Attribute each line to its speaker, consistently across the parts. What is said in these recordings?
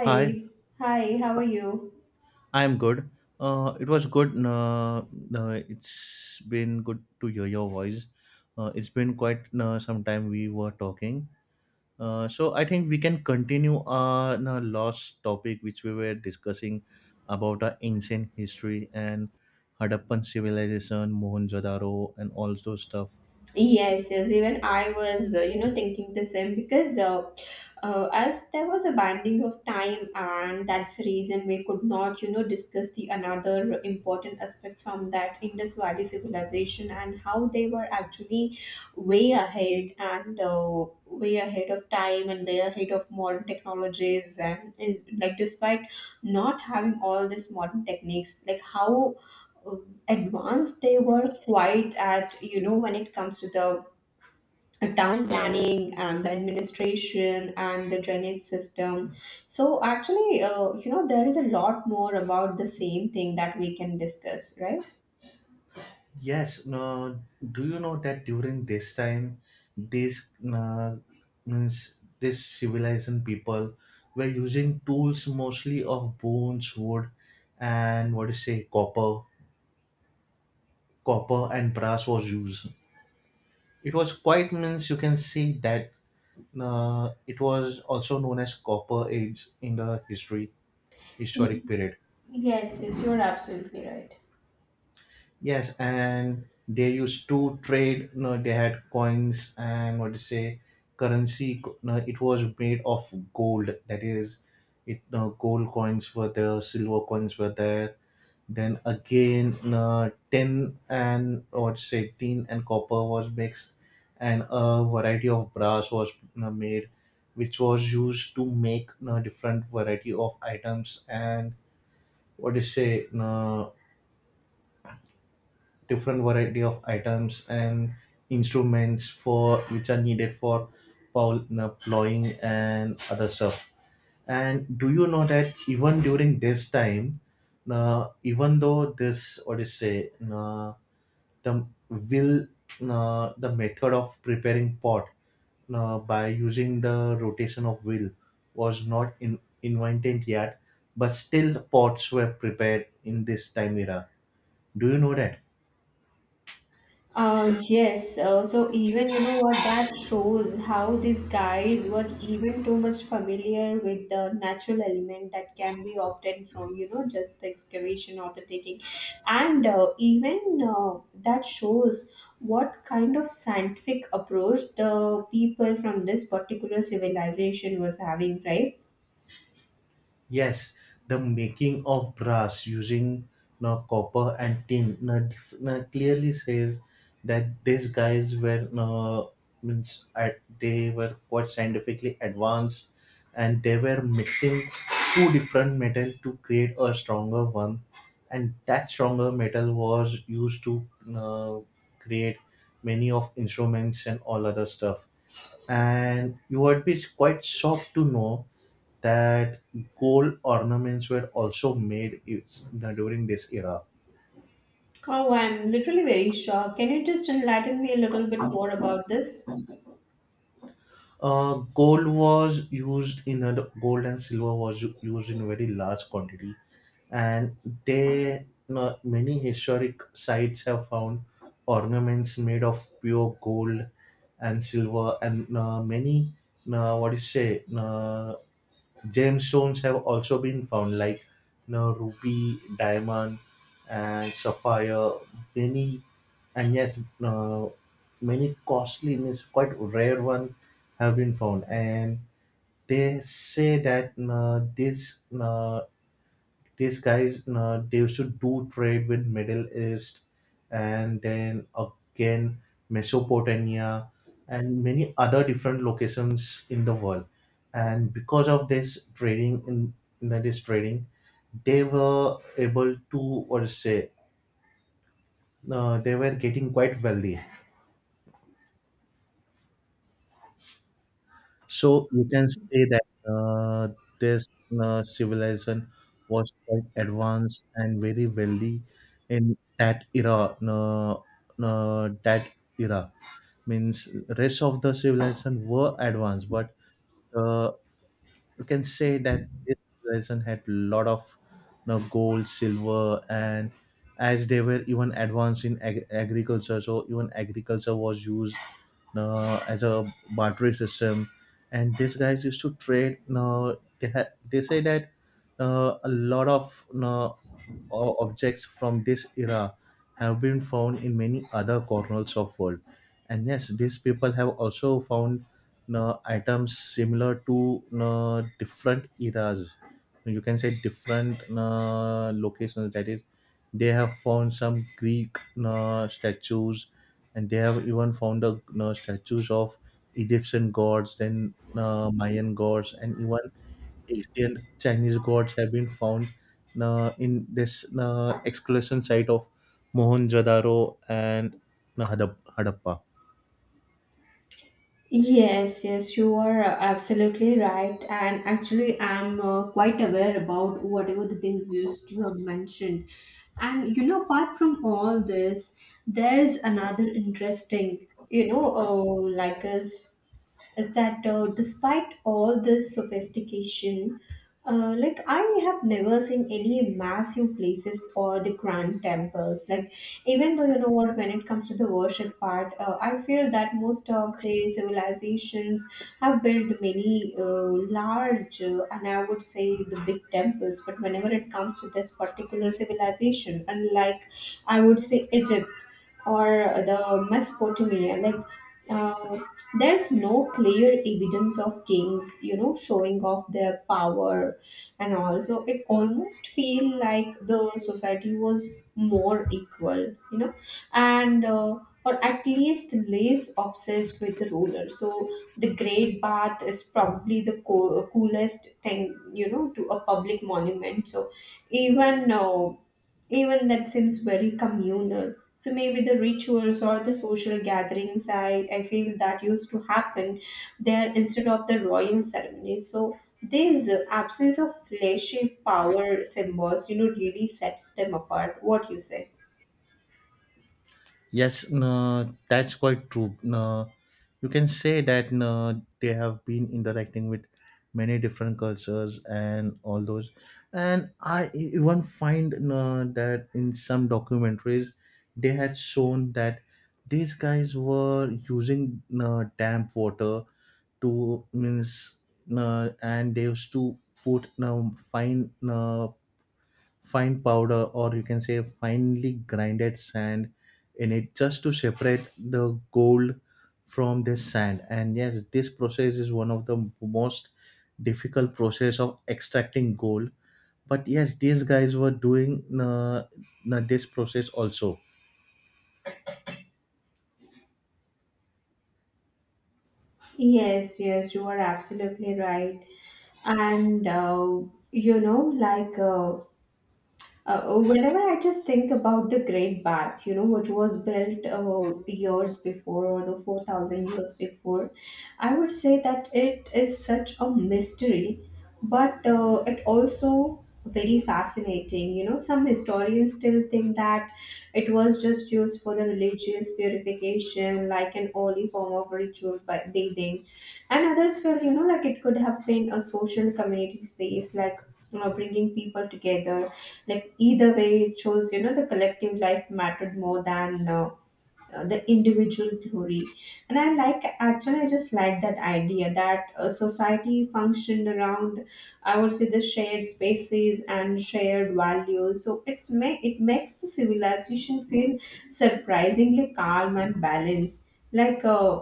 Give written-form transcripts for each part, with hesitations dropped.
Speaker 1: Hi,
Speaker 2: hi, how are you?
Speaker 1: I'm good. It was good. It's been good to hear your voice. It's been quite some time we were talking. So I think we can continue our last topic, which we were discussing about our ancient history and Harappan civilization, Mohenjo-daro, and all those stuff.
Speaker 2: Yes, yes, even I was, thinking the same because as there was a banding of time, and that's the reason we could not, discuss the another important aspect from that Indus Valley civilization, and how they were actually way ahead, and way ahead of time, and way ahead of modern technologies, and is like despite not having all these modern techniques, like how uh, advanced they were quite at when it comes to the town planning and the administration and the drainage system. So actually, there is a lot more about the same thing that we can discuss, right?
Speaker 1: Yes, no, do you know that during this time, these means this civilized people were using tools mostly of bones, wood, and what do you say, copper, copper, and brass was used. It was quite means you can see that it was also known as copper age in the history
Speaker 2: Y-
Speaker 1: historic period.
Speaker 2: Yes, yes, you're absolutely right.
Speaker 1: Yes, and they used to trade. You know, they had coins and what to say, currency. You know, it was made of gold. That is, it. You know, gold coins were there, silver coins were there. Then again, you know, tin and what to say, tin and copper was mixed, and a variety of brass was, you know, made, which was used to make, you know, different variety of items and what do you say, you different variety of items and instruments for which are needed for plowing and other stuff. And do you know that even during this time, even though this what is say, the will, the method of preparing pot by using the rotation of wheel was not invented yet, but still pots were prepared in this time era. Do you know that?
Speaker 2: Yes, so even what that shows, how these guys were even too much familiar with the natural element that can be obtained from just the excavation or the taking, and even that shows what kind of scientific approach the people from this particular civilization was having, right?
Speaker 1: Yes, the making of brass using no copper and tin no, no, clearly says that these guys were no, means at, they were quite scientifically advanced and they were mixing two different metals to create a stronger one and that stronger metal was used to uh, create many of instruments and all other stuff and you would be quite shocked to know that gold ornaments were also made during this era.
Speaker 2: Oh, I'm literally very shocked. Can you just enlighten me a little bit more about this?
Speaker 1: Gold was used in a, gold and silver was used in very large quantity, and they many historic sites have found ornaments made of pure gold and silver, and many what do you say gemstones have also been found, like you know, ruby, diamond, and sapphire. Many and yes, many costly means quite rare one have been found, and they say that these guys they used to do trade with Middle East and then again Mesopotamia and many other different locations in the world and because of this trading in this trading they were able to what to say, they were getting quite wealthy. So you can say that this civilization was quite advanced and very wealthy in that era. That era means rest of the civilization were advanced, but uh, you can say that this lesson had lot of, you know, gold, silver, and as they were even advanced in agriculture, so even agriculture was used as a bartering system. And these guys used to trade. They say that a lot of objects from this era have been found in many other corners of world. And yes, these people have also found, know, items similar to know, different eras. You can say different know, locations. That is, they have found some Greek know, statues, and they have even found the know, statues of Egyptian gods, then know, Mayan gods, and even ancient Chinese gods have been found know, in this know, excavation site of Mohenjo-daro and know, Hadappa.
Speaker 2: Yes, yes, you are absolutely right. And actually, I'm quite aware about whatever the things you have mentioned. And apart from all this, there's another interesting, like us is that despite all this sophistication, like I have never seen any massive places or the grand temples. Like even though you know what, when it comes to the worship part, I feel that most of the civilizations have built many large and I would say the big temples. But whenever it comes to this particular civilization, unlike I would say Egypt, or the Mesopotamia, like uh, there's no clear evidence of kings, showing off their power, and also it almost feel like the society was more equal, and or at least less obsessed with the ruler. So the Great Bath is probably the coolest thing, to a public monument. So even uh, even that seems very communal. So maybe the rituals or the social gatherings, I feel that used to happen there instead of the royal ceremony. So this absence of fleshy power symbols, really sets them apart. What you say?
Speaker 1: Yes, no, that's quite true. No, you can say that no, they have been interacting with many different cultures and all those. And I even find no, that in some documentaries, they had shown that these guys were using no, damp water to means no, and they used to put no fine no fine powder or you can say finely grinded sand in it just to separate the gold from this sand and yes this process is one of the most difficult process of extracting gold but yes these guys were doing this process also.
Speaker 2: Yes, yes, you are absolutely right. And you know, like uh, whenever I just think about the Great Bath, which was built years before, or the 4,000 years before, I would say that it is such a mystery, but it also very fascinating. Some historians still think that it was just used for the religious purification, like an early form of ritual by bathing, and others felt, like it could have been a social community space, like bringing people together, like either way it shows the collective life mattered more than the individual glory. And I like actually, I just like that idea that society functioned around, I would say, the shared spaces and shared values. So it makes the civilization feel surprisingly calm and balanced, like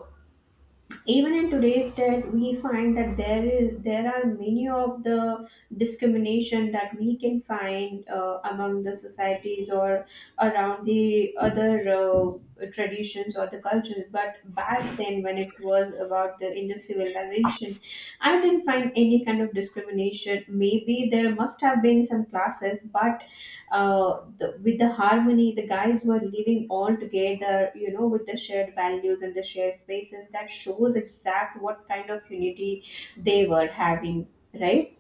Speaker 2: even in today's date we find that there are many of the discrimination that we can find among the societies, or around the other traditions or the cultures. But back then, when it was about the in civilization, I didn't find any kind of discrimination. Maybe there must have been some classes, but with the harmony the guys were living all together with the shared values and the shared spaces, that shows exact what kind of unity they were having, right?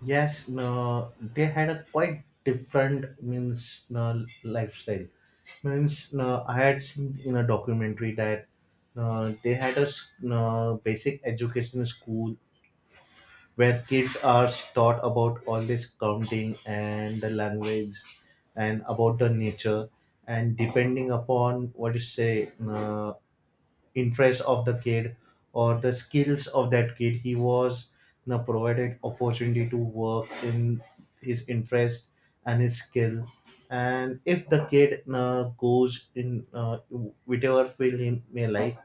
Speaker 1: Yes, no, they had a quite different means no, lifestyle. Means no, I had seen in a documentary that no. They had a no, basic education school where kids are taught about all this counting and the language and about the nature and depending upon what you say, interest of the kid or the skills of that kid, he was, you know, provided opportunity to work in his interest and his skill. And if the kid goes in whichever field he may like,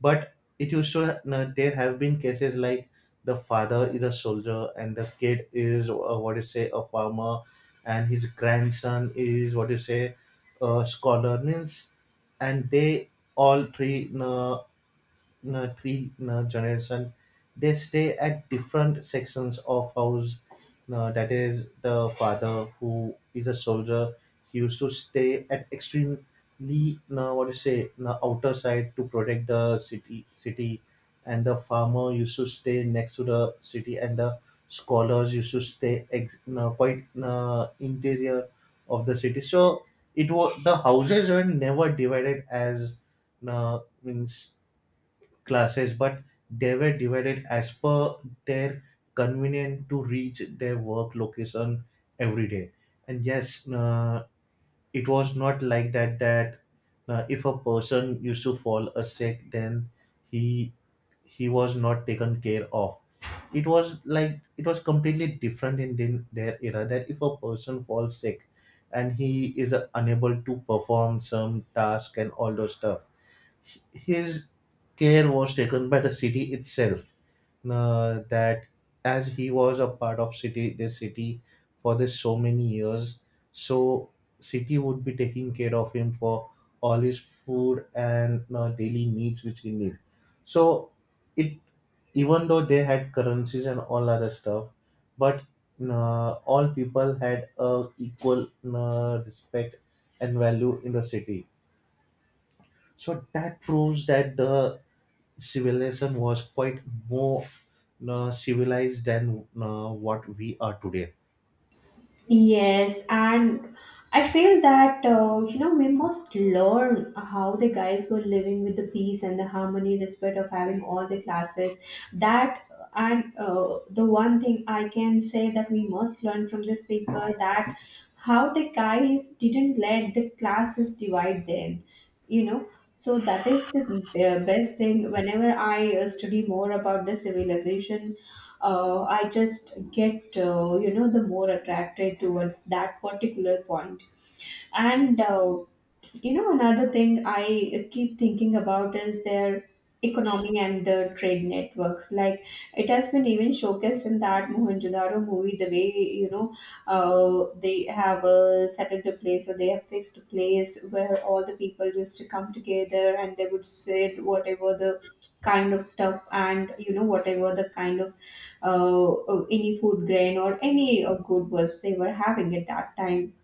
Speaker 1: but it used to there have been cases like the father is a soldier and the kid is, what you say, a farmer and his grandson is what you say a scholar means and they all three generation. They stay at different sections of house, that is, the father who is a soldier he used to stay at extremely, what do you say, outer side to protect the city and the farmer used to stay next to the city and the scholars used to stay quite interior of the city. So it was the houses were never divided as uh, means classes, but they were divided as per their convenience to reach their work location every day. And yes, it was not like that that if a person used to fall a sick then he he was not taken care of. It was like it was completely different in the- their era that if a person falls sick and he is unable to perform some task and all those stuff, his care was taken by the city itself, that as he was a part of city for this so many years, so city would be taking care of him for all his food and daily needs which he need. So it, even though they had currencies and all other stuff, but all people had a equal respect and value in the city, so that proves that the civilization was quite more civilized than what we are today.
Speaker 2: Yes, and I feel that we must learn how the guys were living with the peace and the harmony, despite of having all the classes. That and the one thing I can say that we must learn from these people, that how the guys didn't let the classes divide them. You know, so that is the best thing. Whenever I study more about the civilization, I just get the more attracted towards that particular point. And another thing I keep thinking about is their economy and the trade networks. Like it has been even showcased in that Mohenjo-daro movie, the way you know they have a settled place, or they have fixed place where all the people used to come together, and they would sell whatever the kind of stuff, and whatever the kind of any food grain or any good was they were having at that time.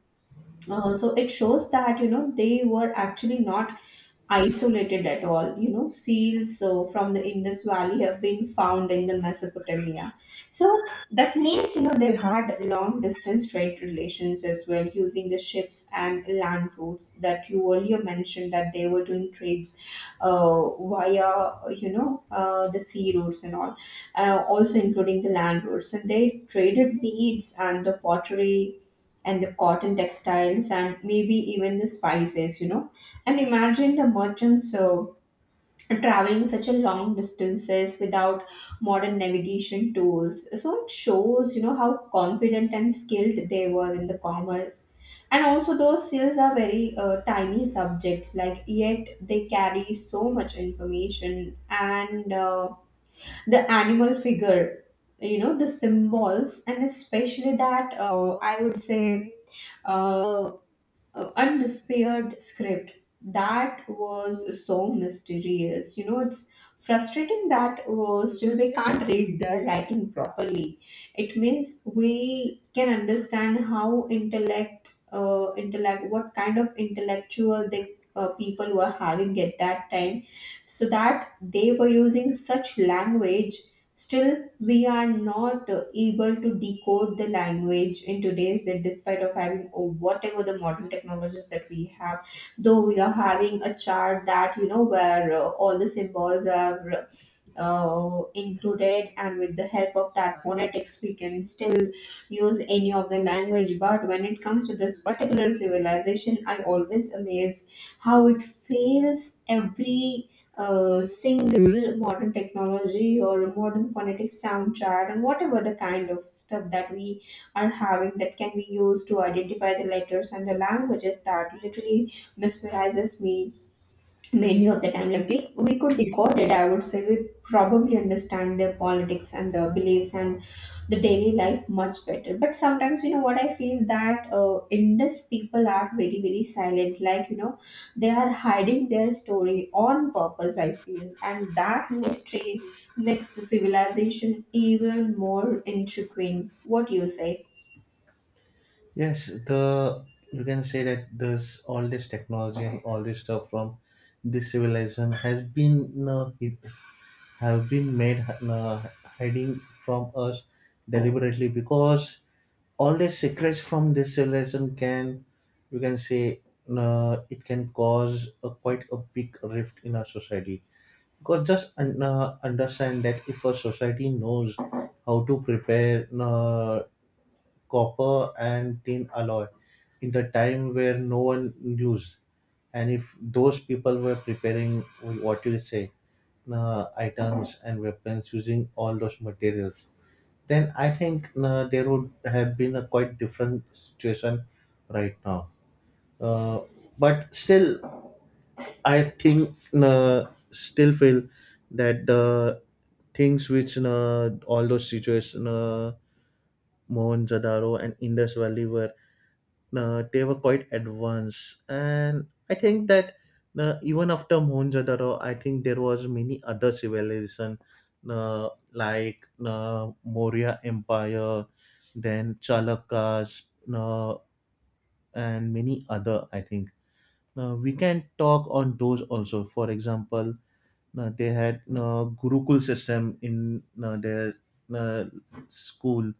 Speaker 2: So it shows that they were actually not isolated at all. Seals from the Indus Valley have been found in the Mesopotamia. So that means, they had long distance trade relations as well, using the ships and land routes that you earlier mentioned, that they were doing trades via, the sea routes and all, also including the land routes. And they traded beads and the pottery and the cotton textiles and maybe even the spices, and imagine the merchants traveling such a long distances without modern navigation tools. So it shows, how confident and skilled they were in the commerce. And also, those seals are very tiny subjects, like yet they carry so much information. And the animal figure, the symbols, and especially that I would say uh, undisappeared script that was so mysterious. It's frustrating that still we can't read the writing properly. It means we can understand how intellect, what kind of intellectual they people were having at that time, so that they were using such language. Still we are not able to decode the language in today's, despite of having or whatever the modern technologies that we have, though we are having a chart that where all the symbols are included, and with the help of that phonetics we can still use any of the language. But when it comes to this particular civilization, I always amazed how it fails every single modern technology, or a modern phonetic sound chart and whatever the kind of stuff that we are having that can be used to identify the letters and the languages, that literally mesmerizes me many of the time. Like if we could decode it, I would say we probably understand their politics and their beliefs and the daily life much better. But sometimes, what I feel that Indus people are very very silent. Like they are hiding their story on purpose, I feel, and that mystery makes the civilization even more intriguing. What do you say?
Speaker 1: Yes, the, you can say that there's all this technology and all this stuff from this civilization has been have been made hiding from us deliberately because all the secrets from this civilization can, you can say, it can cause a, quite a big rift in our society because just understand that if a society knows how to prepare copper and tin alloy in the time where no one used. And if those people were preparing what you say, items and weapons using all those materials, then I think there would have been a quite different situation right now. Uh, but still, I think still feel that the things which all those situations, Mohenjo-daro and Indus Valley were they were quite advanced. And I think that even after Mohenjo-daro I think there was many other civilization, like Maurya Empire, then Chalakas, uh, and many other. I think we can talk on those also. For example, they had gurukul system in their uh, school.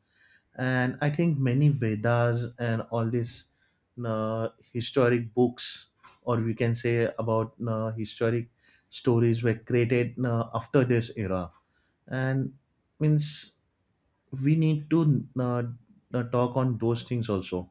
Speaker 1: And I think many Vedas and all these historic books or we can say about historic stories were created after this era. And means we need to talk on those things also.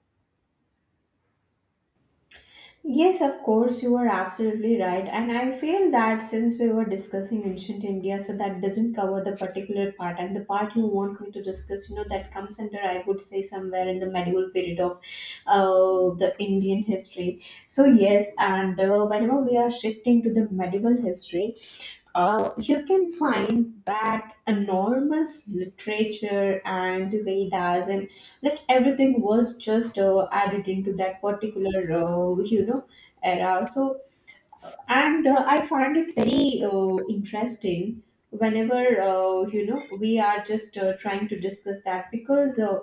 Speaker 2: Yes, of course, you are absolutely right. And I feel that since we were discussing ancient India, so that doesn't cover the particular part. And the part you want me to discuss, that comes under, I would say, somewhere in the medieval period of the Indian history. So, yes, and whenever we are shifting to the medieval history, you can find that enormous literature and the Vedas and like everything was just added into that particular era. So and I find it very interesting whenever we are just trying to discuss that, because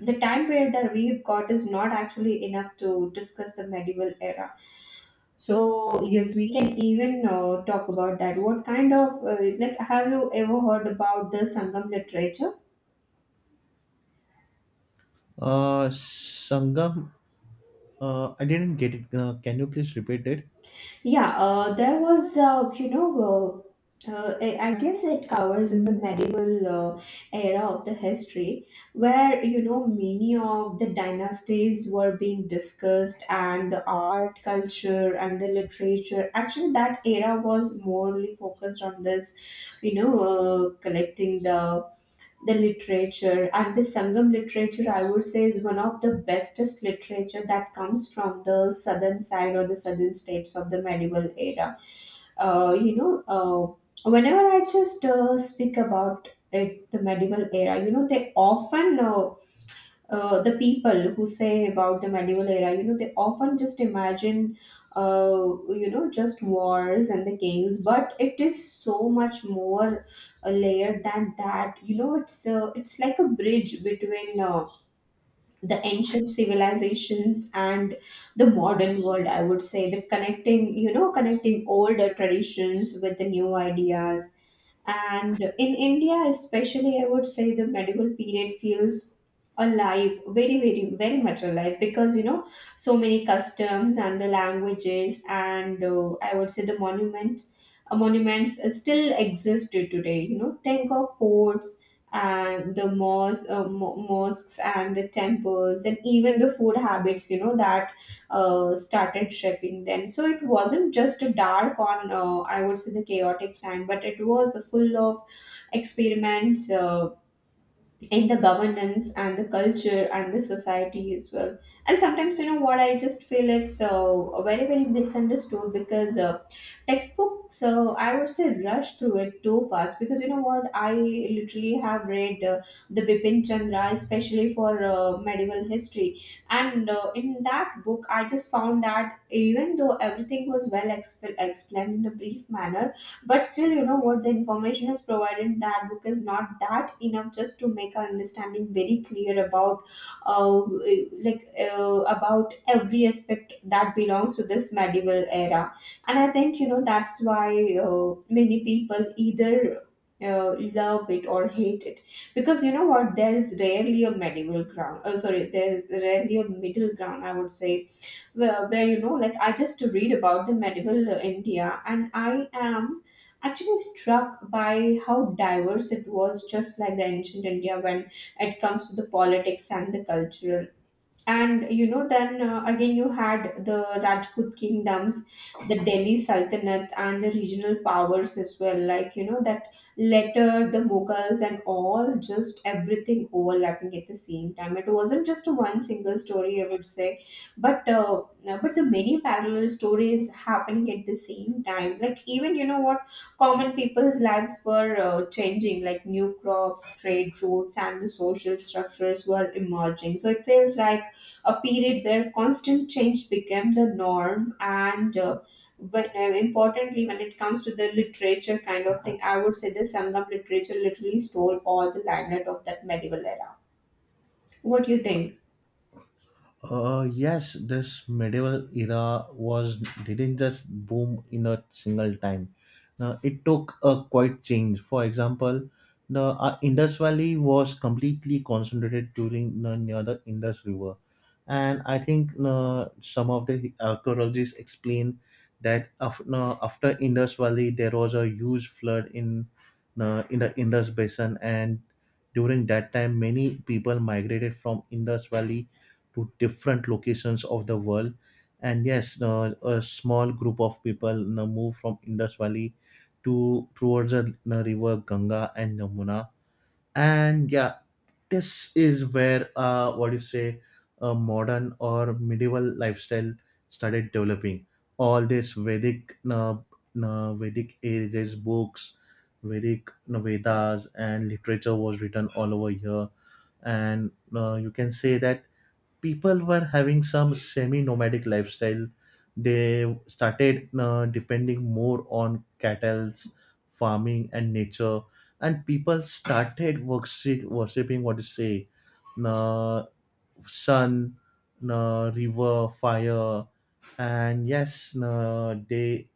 Speaker 2: the time period that we've got is not actually enough to discuss the medieval era. So yes, we can even talk about that. What kind of like have you ever heard about the Sangam literature?
Speaker 1: Sangam, I didn't get it. Can you please repeat it?
Speaker 2: Yeah, there was I guess it covers in the medieval era of the history, where many of the dynasties were being discussed, and the art, culture, and the literature. Actually, that era was morely focused on this, collecting the literature. And the sangam literature, I would say, is one of the bestest literature that comes from the southern side or the southern states of the medieval era. Whenever I just speak about it, the medieval era, the people who say about the medieval era, they often just imagine, just wars and the kings. But it is so much more layered than that. It's like a bridge between the ancient civilizations and the modern world. I would say the connecting older traditions with the new ideas. And in India, especially, I would say the medieval period feels alive, very much alive because you know so many customs and the languages and I would say the monuments still exist to today. You know, think of forts and the mosques and the temples and even the food habits, you know, that started shaping then. So it wasn't just a dark on, I would say, the chaotic time, but it was full of experiments in the governance and the culture and the society as well. And sometimes, you know what, I just feel it's very very misunderstood because textbooks, I would say, rush through it too fast, because you know what, I literally have read the Bipin Chandra, especially for medieval history. And in that book I just found that, even though everything was well explained in a brief manner, but still, you know what, the information is provided in that book is not that enough just to make our understanding very clear about, uh, like about every aspect that belongs to this medieval era. And I think, you know, that's why many people either. Love it or hate it, because you know what, there is rarely a medieval ground oh sorry there is rarely a middle ground, I would say. Where you know, like I just read about the medieval India and I am actually struck by how diverse it was, just like the ancient India, when it comes to the politics and the cultural. And you know, then again you had the Rajput kingdoms, the Delhi Sultanate, and the regional powers as well, like you know that later the Mughals and all, just everything overlapping at the same time. It wasn't just one single story, I would say, but the many parallel stories happening at the same time. Like, even you know what, common people's lives were changing, like new crops, trade routes, and the social structures were emerging. So it feels like a period where constant change became the norm. And uh, but uh, importantly, when it comes to the literature kind of thing, I would say the Sangam literature literally stole all the limelight of that medieval era. What do you think?
Speaker 1: Yes, this medieval era was didn't just boom in a single time. Now, it took a quite change. For example, the Indus Valley was completely concentrated during the near the Indus River, and I think some of the archaeologists explain that no, after Indus Valley there was a huge flood in the Indus Basin, and during that time many people migrated from Indus Valley to different locations of the world. And yes, a small group of people, you know, move from Indus Valley to towards the, you know, river Ganga and Yamuna. And yeah, this is where what do you say, a modern or medieval lifestyle started developing. All this Vedic ages books, Vedic Vedas and literature was written all over here. And you can say that people were having some semi-nomadic lifestyle. They started depending more on cattle, farming and nature, and people started worshipping, what to say, uh, sun, river, fire, and yes, they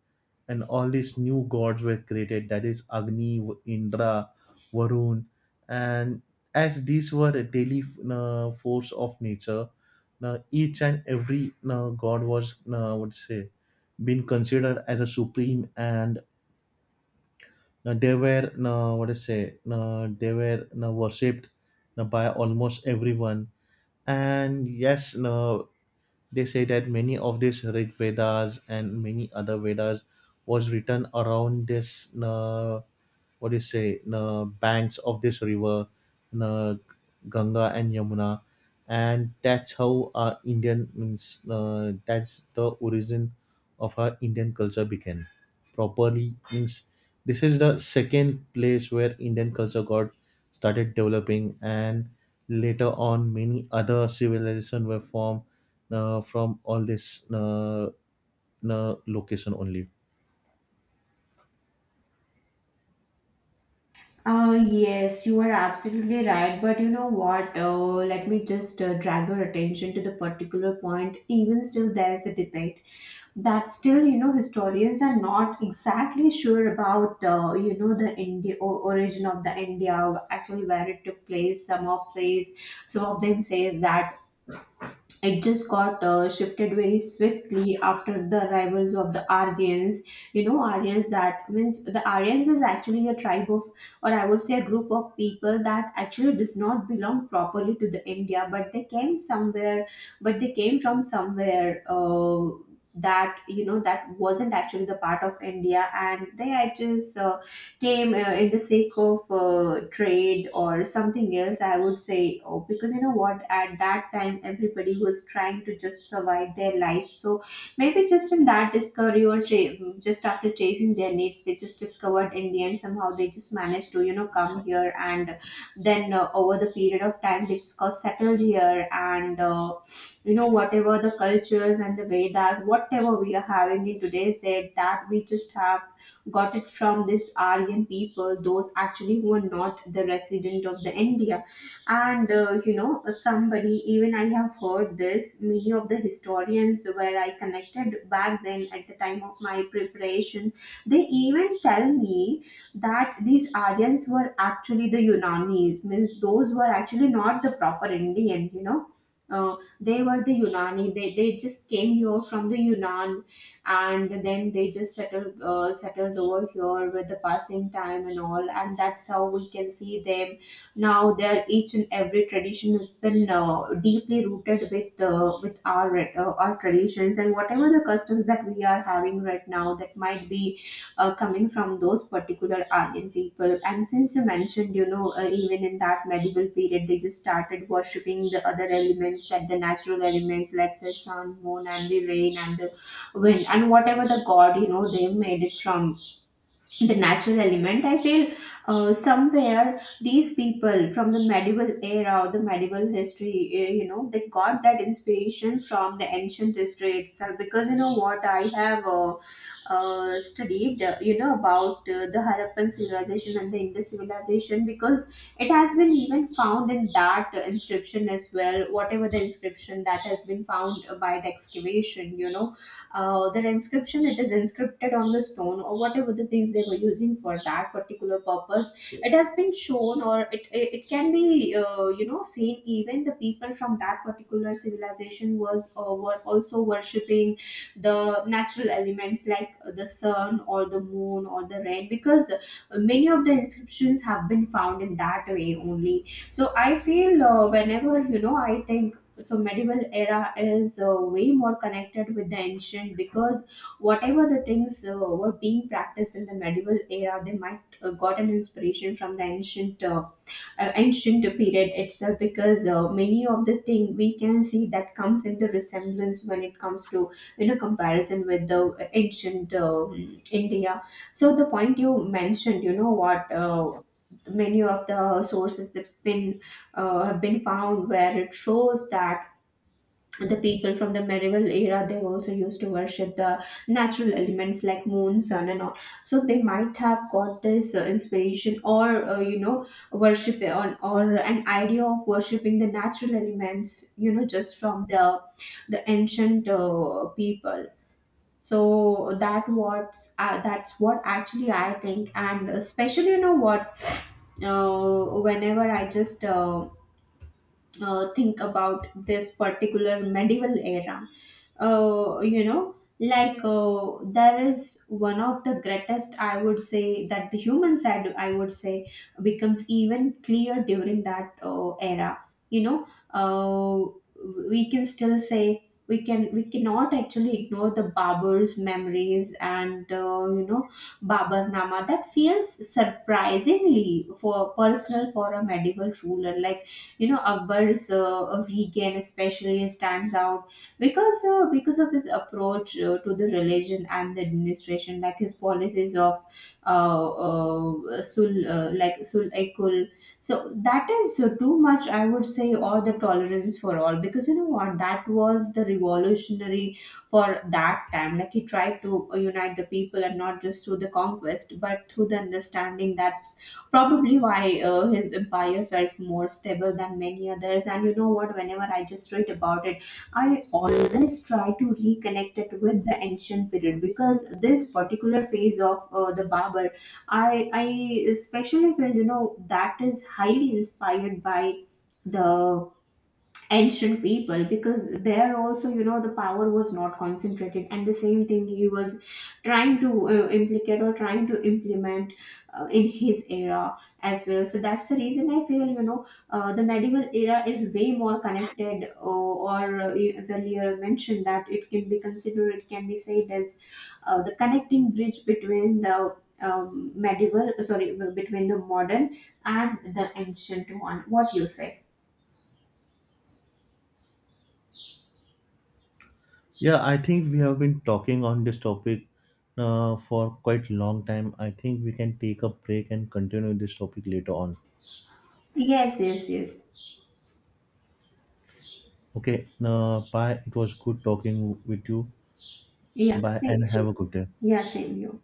Speaker 1: and all these new gods were created, that is Agni, Indra, Varun, and as these were a daily force of nature, each and every god was, what to say, been considered as a supreme, and they were what to say they were worshipped by almost everyone. And yes, they say that many of these Rig Vedas and many other Vedas was written around this what do you say, banks of this river, uh, Ganga and Yamuna, and that's how our Indian means, that's the origin of our Indian culture began. Properly means this is the second place where Indian culture got started developing, and later on many other civilization were formed from all this location only.
Speaker 2: Yes, you are absolutely right. But you know what? Let me just drag your attention to the particular point. Even still, there's a debate that still, you know, historians are not exactly sure about, you know, the India or origin of the India, or actually where it took place. Some of them says that it just got shifted very swiftly after the arrivals of the Aryans. You know, Aryans, that means the Aryans is actually a tribe of, or I would say a group of people that actually does not belong properly to the India, but they came from somewhere. That you know, that wasn't actually the part of India and they had just came in the sake of trade or something else, I would say. Oh, because you know what, at that time everybody was trying to just survive their life. So maybe just in that discovery or just after chasing their needs, they just discovered India and somehow they just managed to, you know, come here. And then over the period of time they just got settled here. And you know, whatever the cultures and the Vedas whatever we are having in today's day, that we just have got it from this Aryan people, those actually who are not the resident of the India. And you know, somebody, even I have heard this. Many of the historians where I connected back then at the time of my preparation, they even tell me that these Aryans were actually the Yunanis, means those were actually not the proper Indian. You know. Uh, they were the Unani. They just came here from the Yunnan and then they just settled over here with the passing time and all, and that's how we can see them now. Their each and every tradition has been deeply rooted with our traditions, and whatever the customs that we are having right now, that might be coming from those particular Aryan people. And since you mentioned, you know, even in that medieval period they just started worshipping the other elements, that the natural elements, let's say sun, moon, and the rain and the win, and whatever the god, you know, they made it from the natural element. I feel somewhere these people from the medieval era or the medieval history, you know, they got that inspiration from the ancient history itself, because you know what, I have studied you know, about the Harappan civilization and the Indus civilization, because it has been even found in that inscription as well. Whatever the inscription that has been found by the excavation, you know, their inscription, it is inscripted on the stone or whatever the things they were using for that particular purpose. It has been shown, or it can be you know, seen even the people from that particular civilization was were also worshipping the natural elements like the sun or the moon or the rain, because many of the inscriptions have been found in that way only. So I feel whenever, you know, I think so medieval era is way more connected with the ancient, because whatever the things were being practiced in the medieval era, they might got an inspiration from the ancient ancient period itself, because many of the thing we can see that comes into resemblance when it comes to, you know, comparison with the ancient India. So the point you mentioned, you know what, many of the sources that been have been found, where it shows that the people from the medieval era, they also used to worship the natural elements like moon, sun and all. So they might have got this inspiration or you know, worship on, or an idea of worshiping the natural elements, you know, just from the ancient people. So that what's that's what actually I think. And especially, you know what, whenever I just think about this particular medieval era, you know, like there is one of the greatest, I would say, that the human side, I would say, becomes even clear during that era. You know, we can still say, we cannot actually ignore the Barber's memories and you know, Babar Nama, that feels surprisingly for personal for a medieval ruler. Like, you know, Akbar's vegan especially stands out because of his approach to the religion and the administration, like his policies of sul ekul. So that is too much, I would say, or the tolerance for all, because you know what, that was the revolutionary for that time. Like, he tried to unite the people, and not just through the conquest but through the understanding. That's probably why his empire felt more stable than many others. And you know what, whenever I just read about it, I always try to reconnect it with the ancient period, because this particular phase of the Babur, I especially feel, you know, that is highly inspired by the ancient people, because there also, you know, the power was not concentrated, and the same thing he was trying to implicate or trying to implement in his era as well. So that's the reason I feel, you know, the medieval era is way more connected, or as earlier mentioned, that it can be considered, it can be said as the connecting bridge between the modern and the ancient one. What you say?
Speaker 1: Yeah, I think we have been talking on this topic for quite long time. I think we can take a break and continue this topic later on.
Speaker 2: Yes, yes, yes.
Speaker 1: Okay, bye. It was good talking with you.
Speaker 2: Yeah,
Speaker 1: Bye
Speaker 2: same,
Speaker 1: and have a
Speaker 2: same.
Speaker 1: good day.
Speaker 2: Yeah, same. Yeah.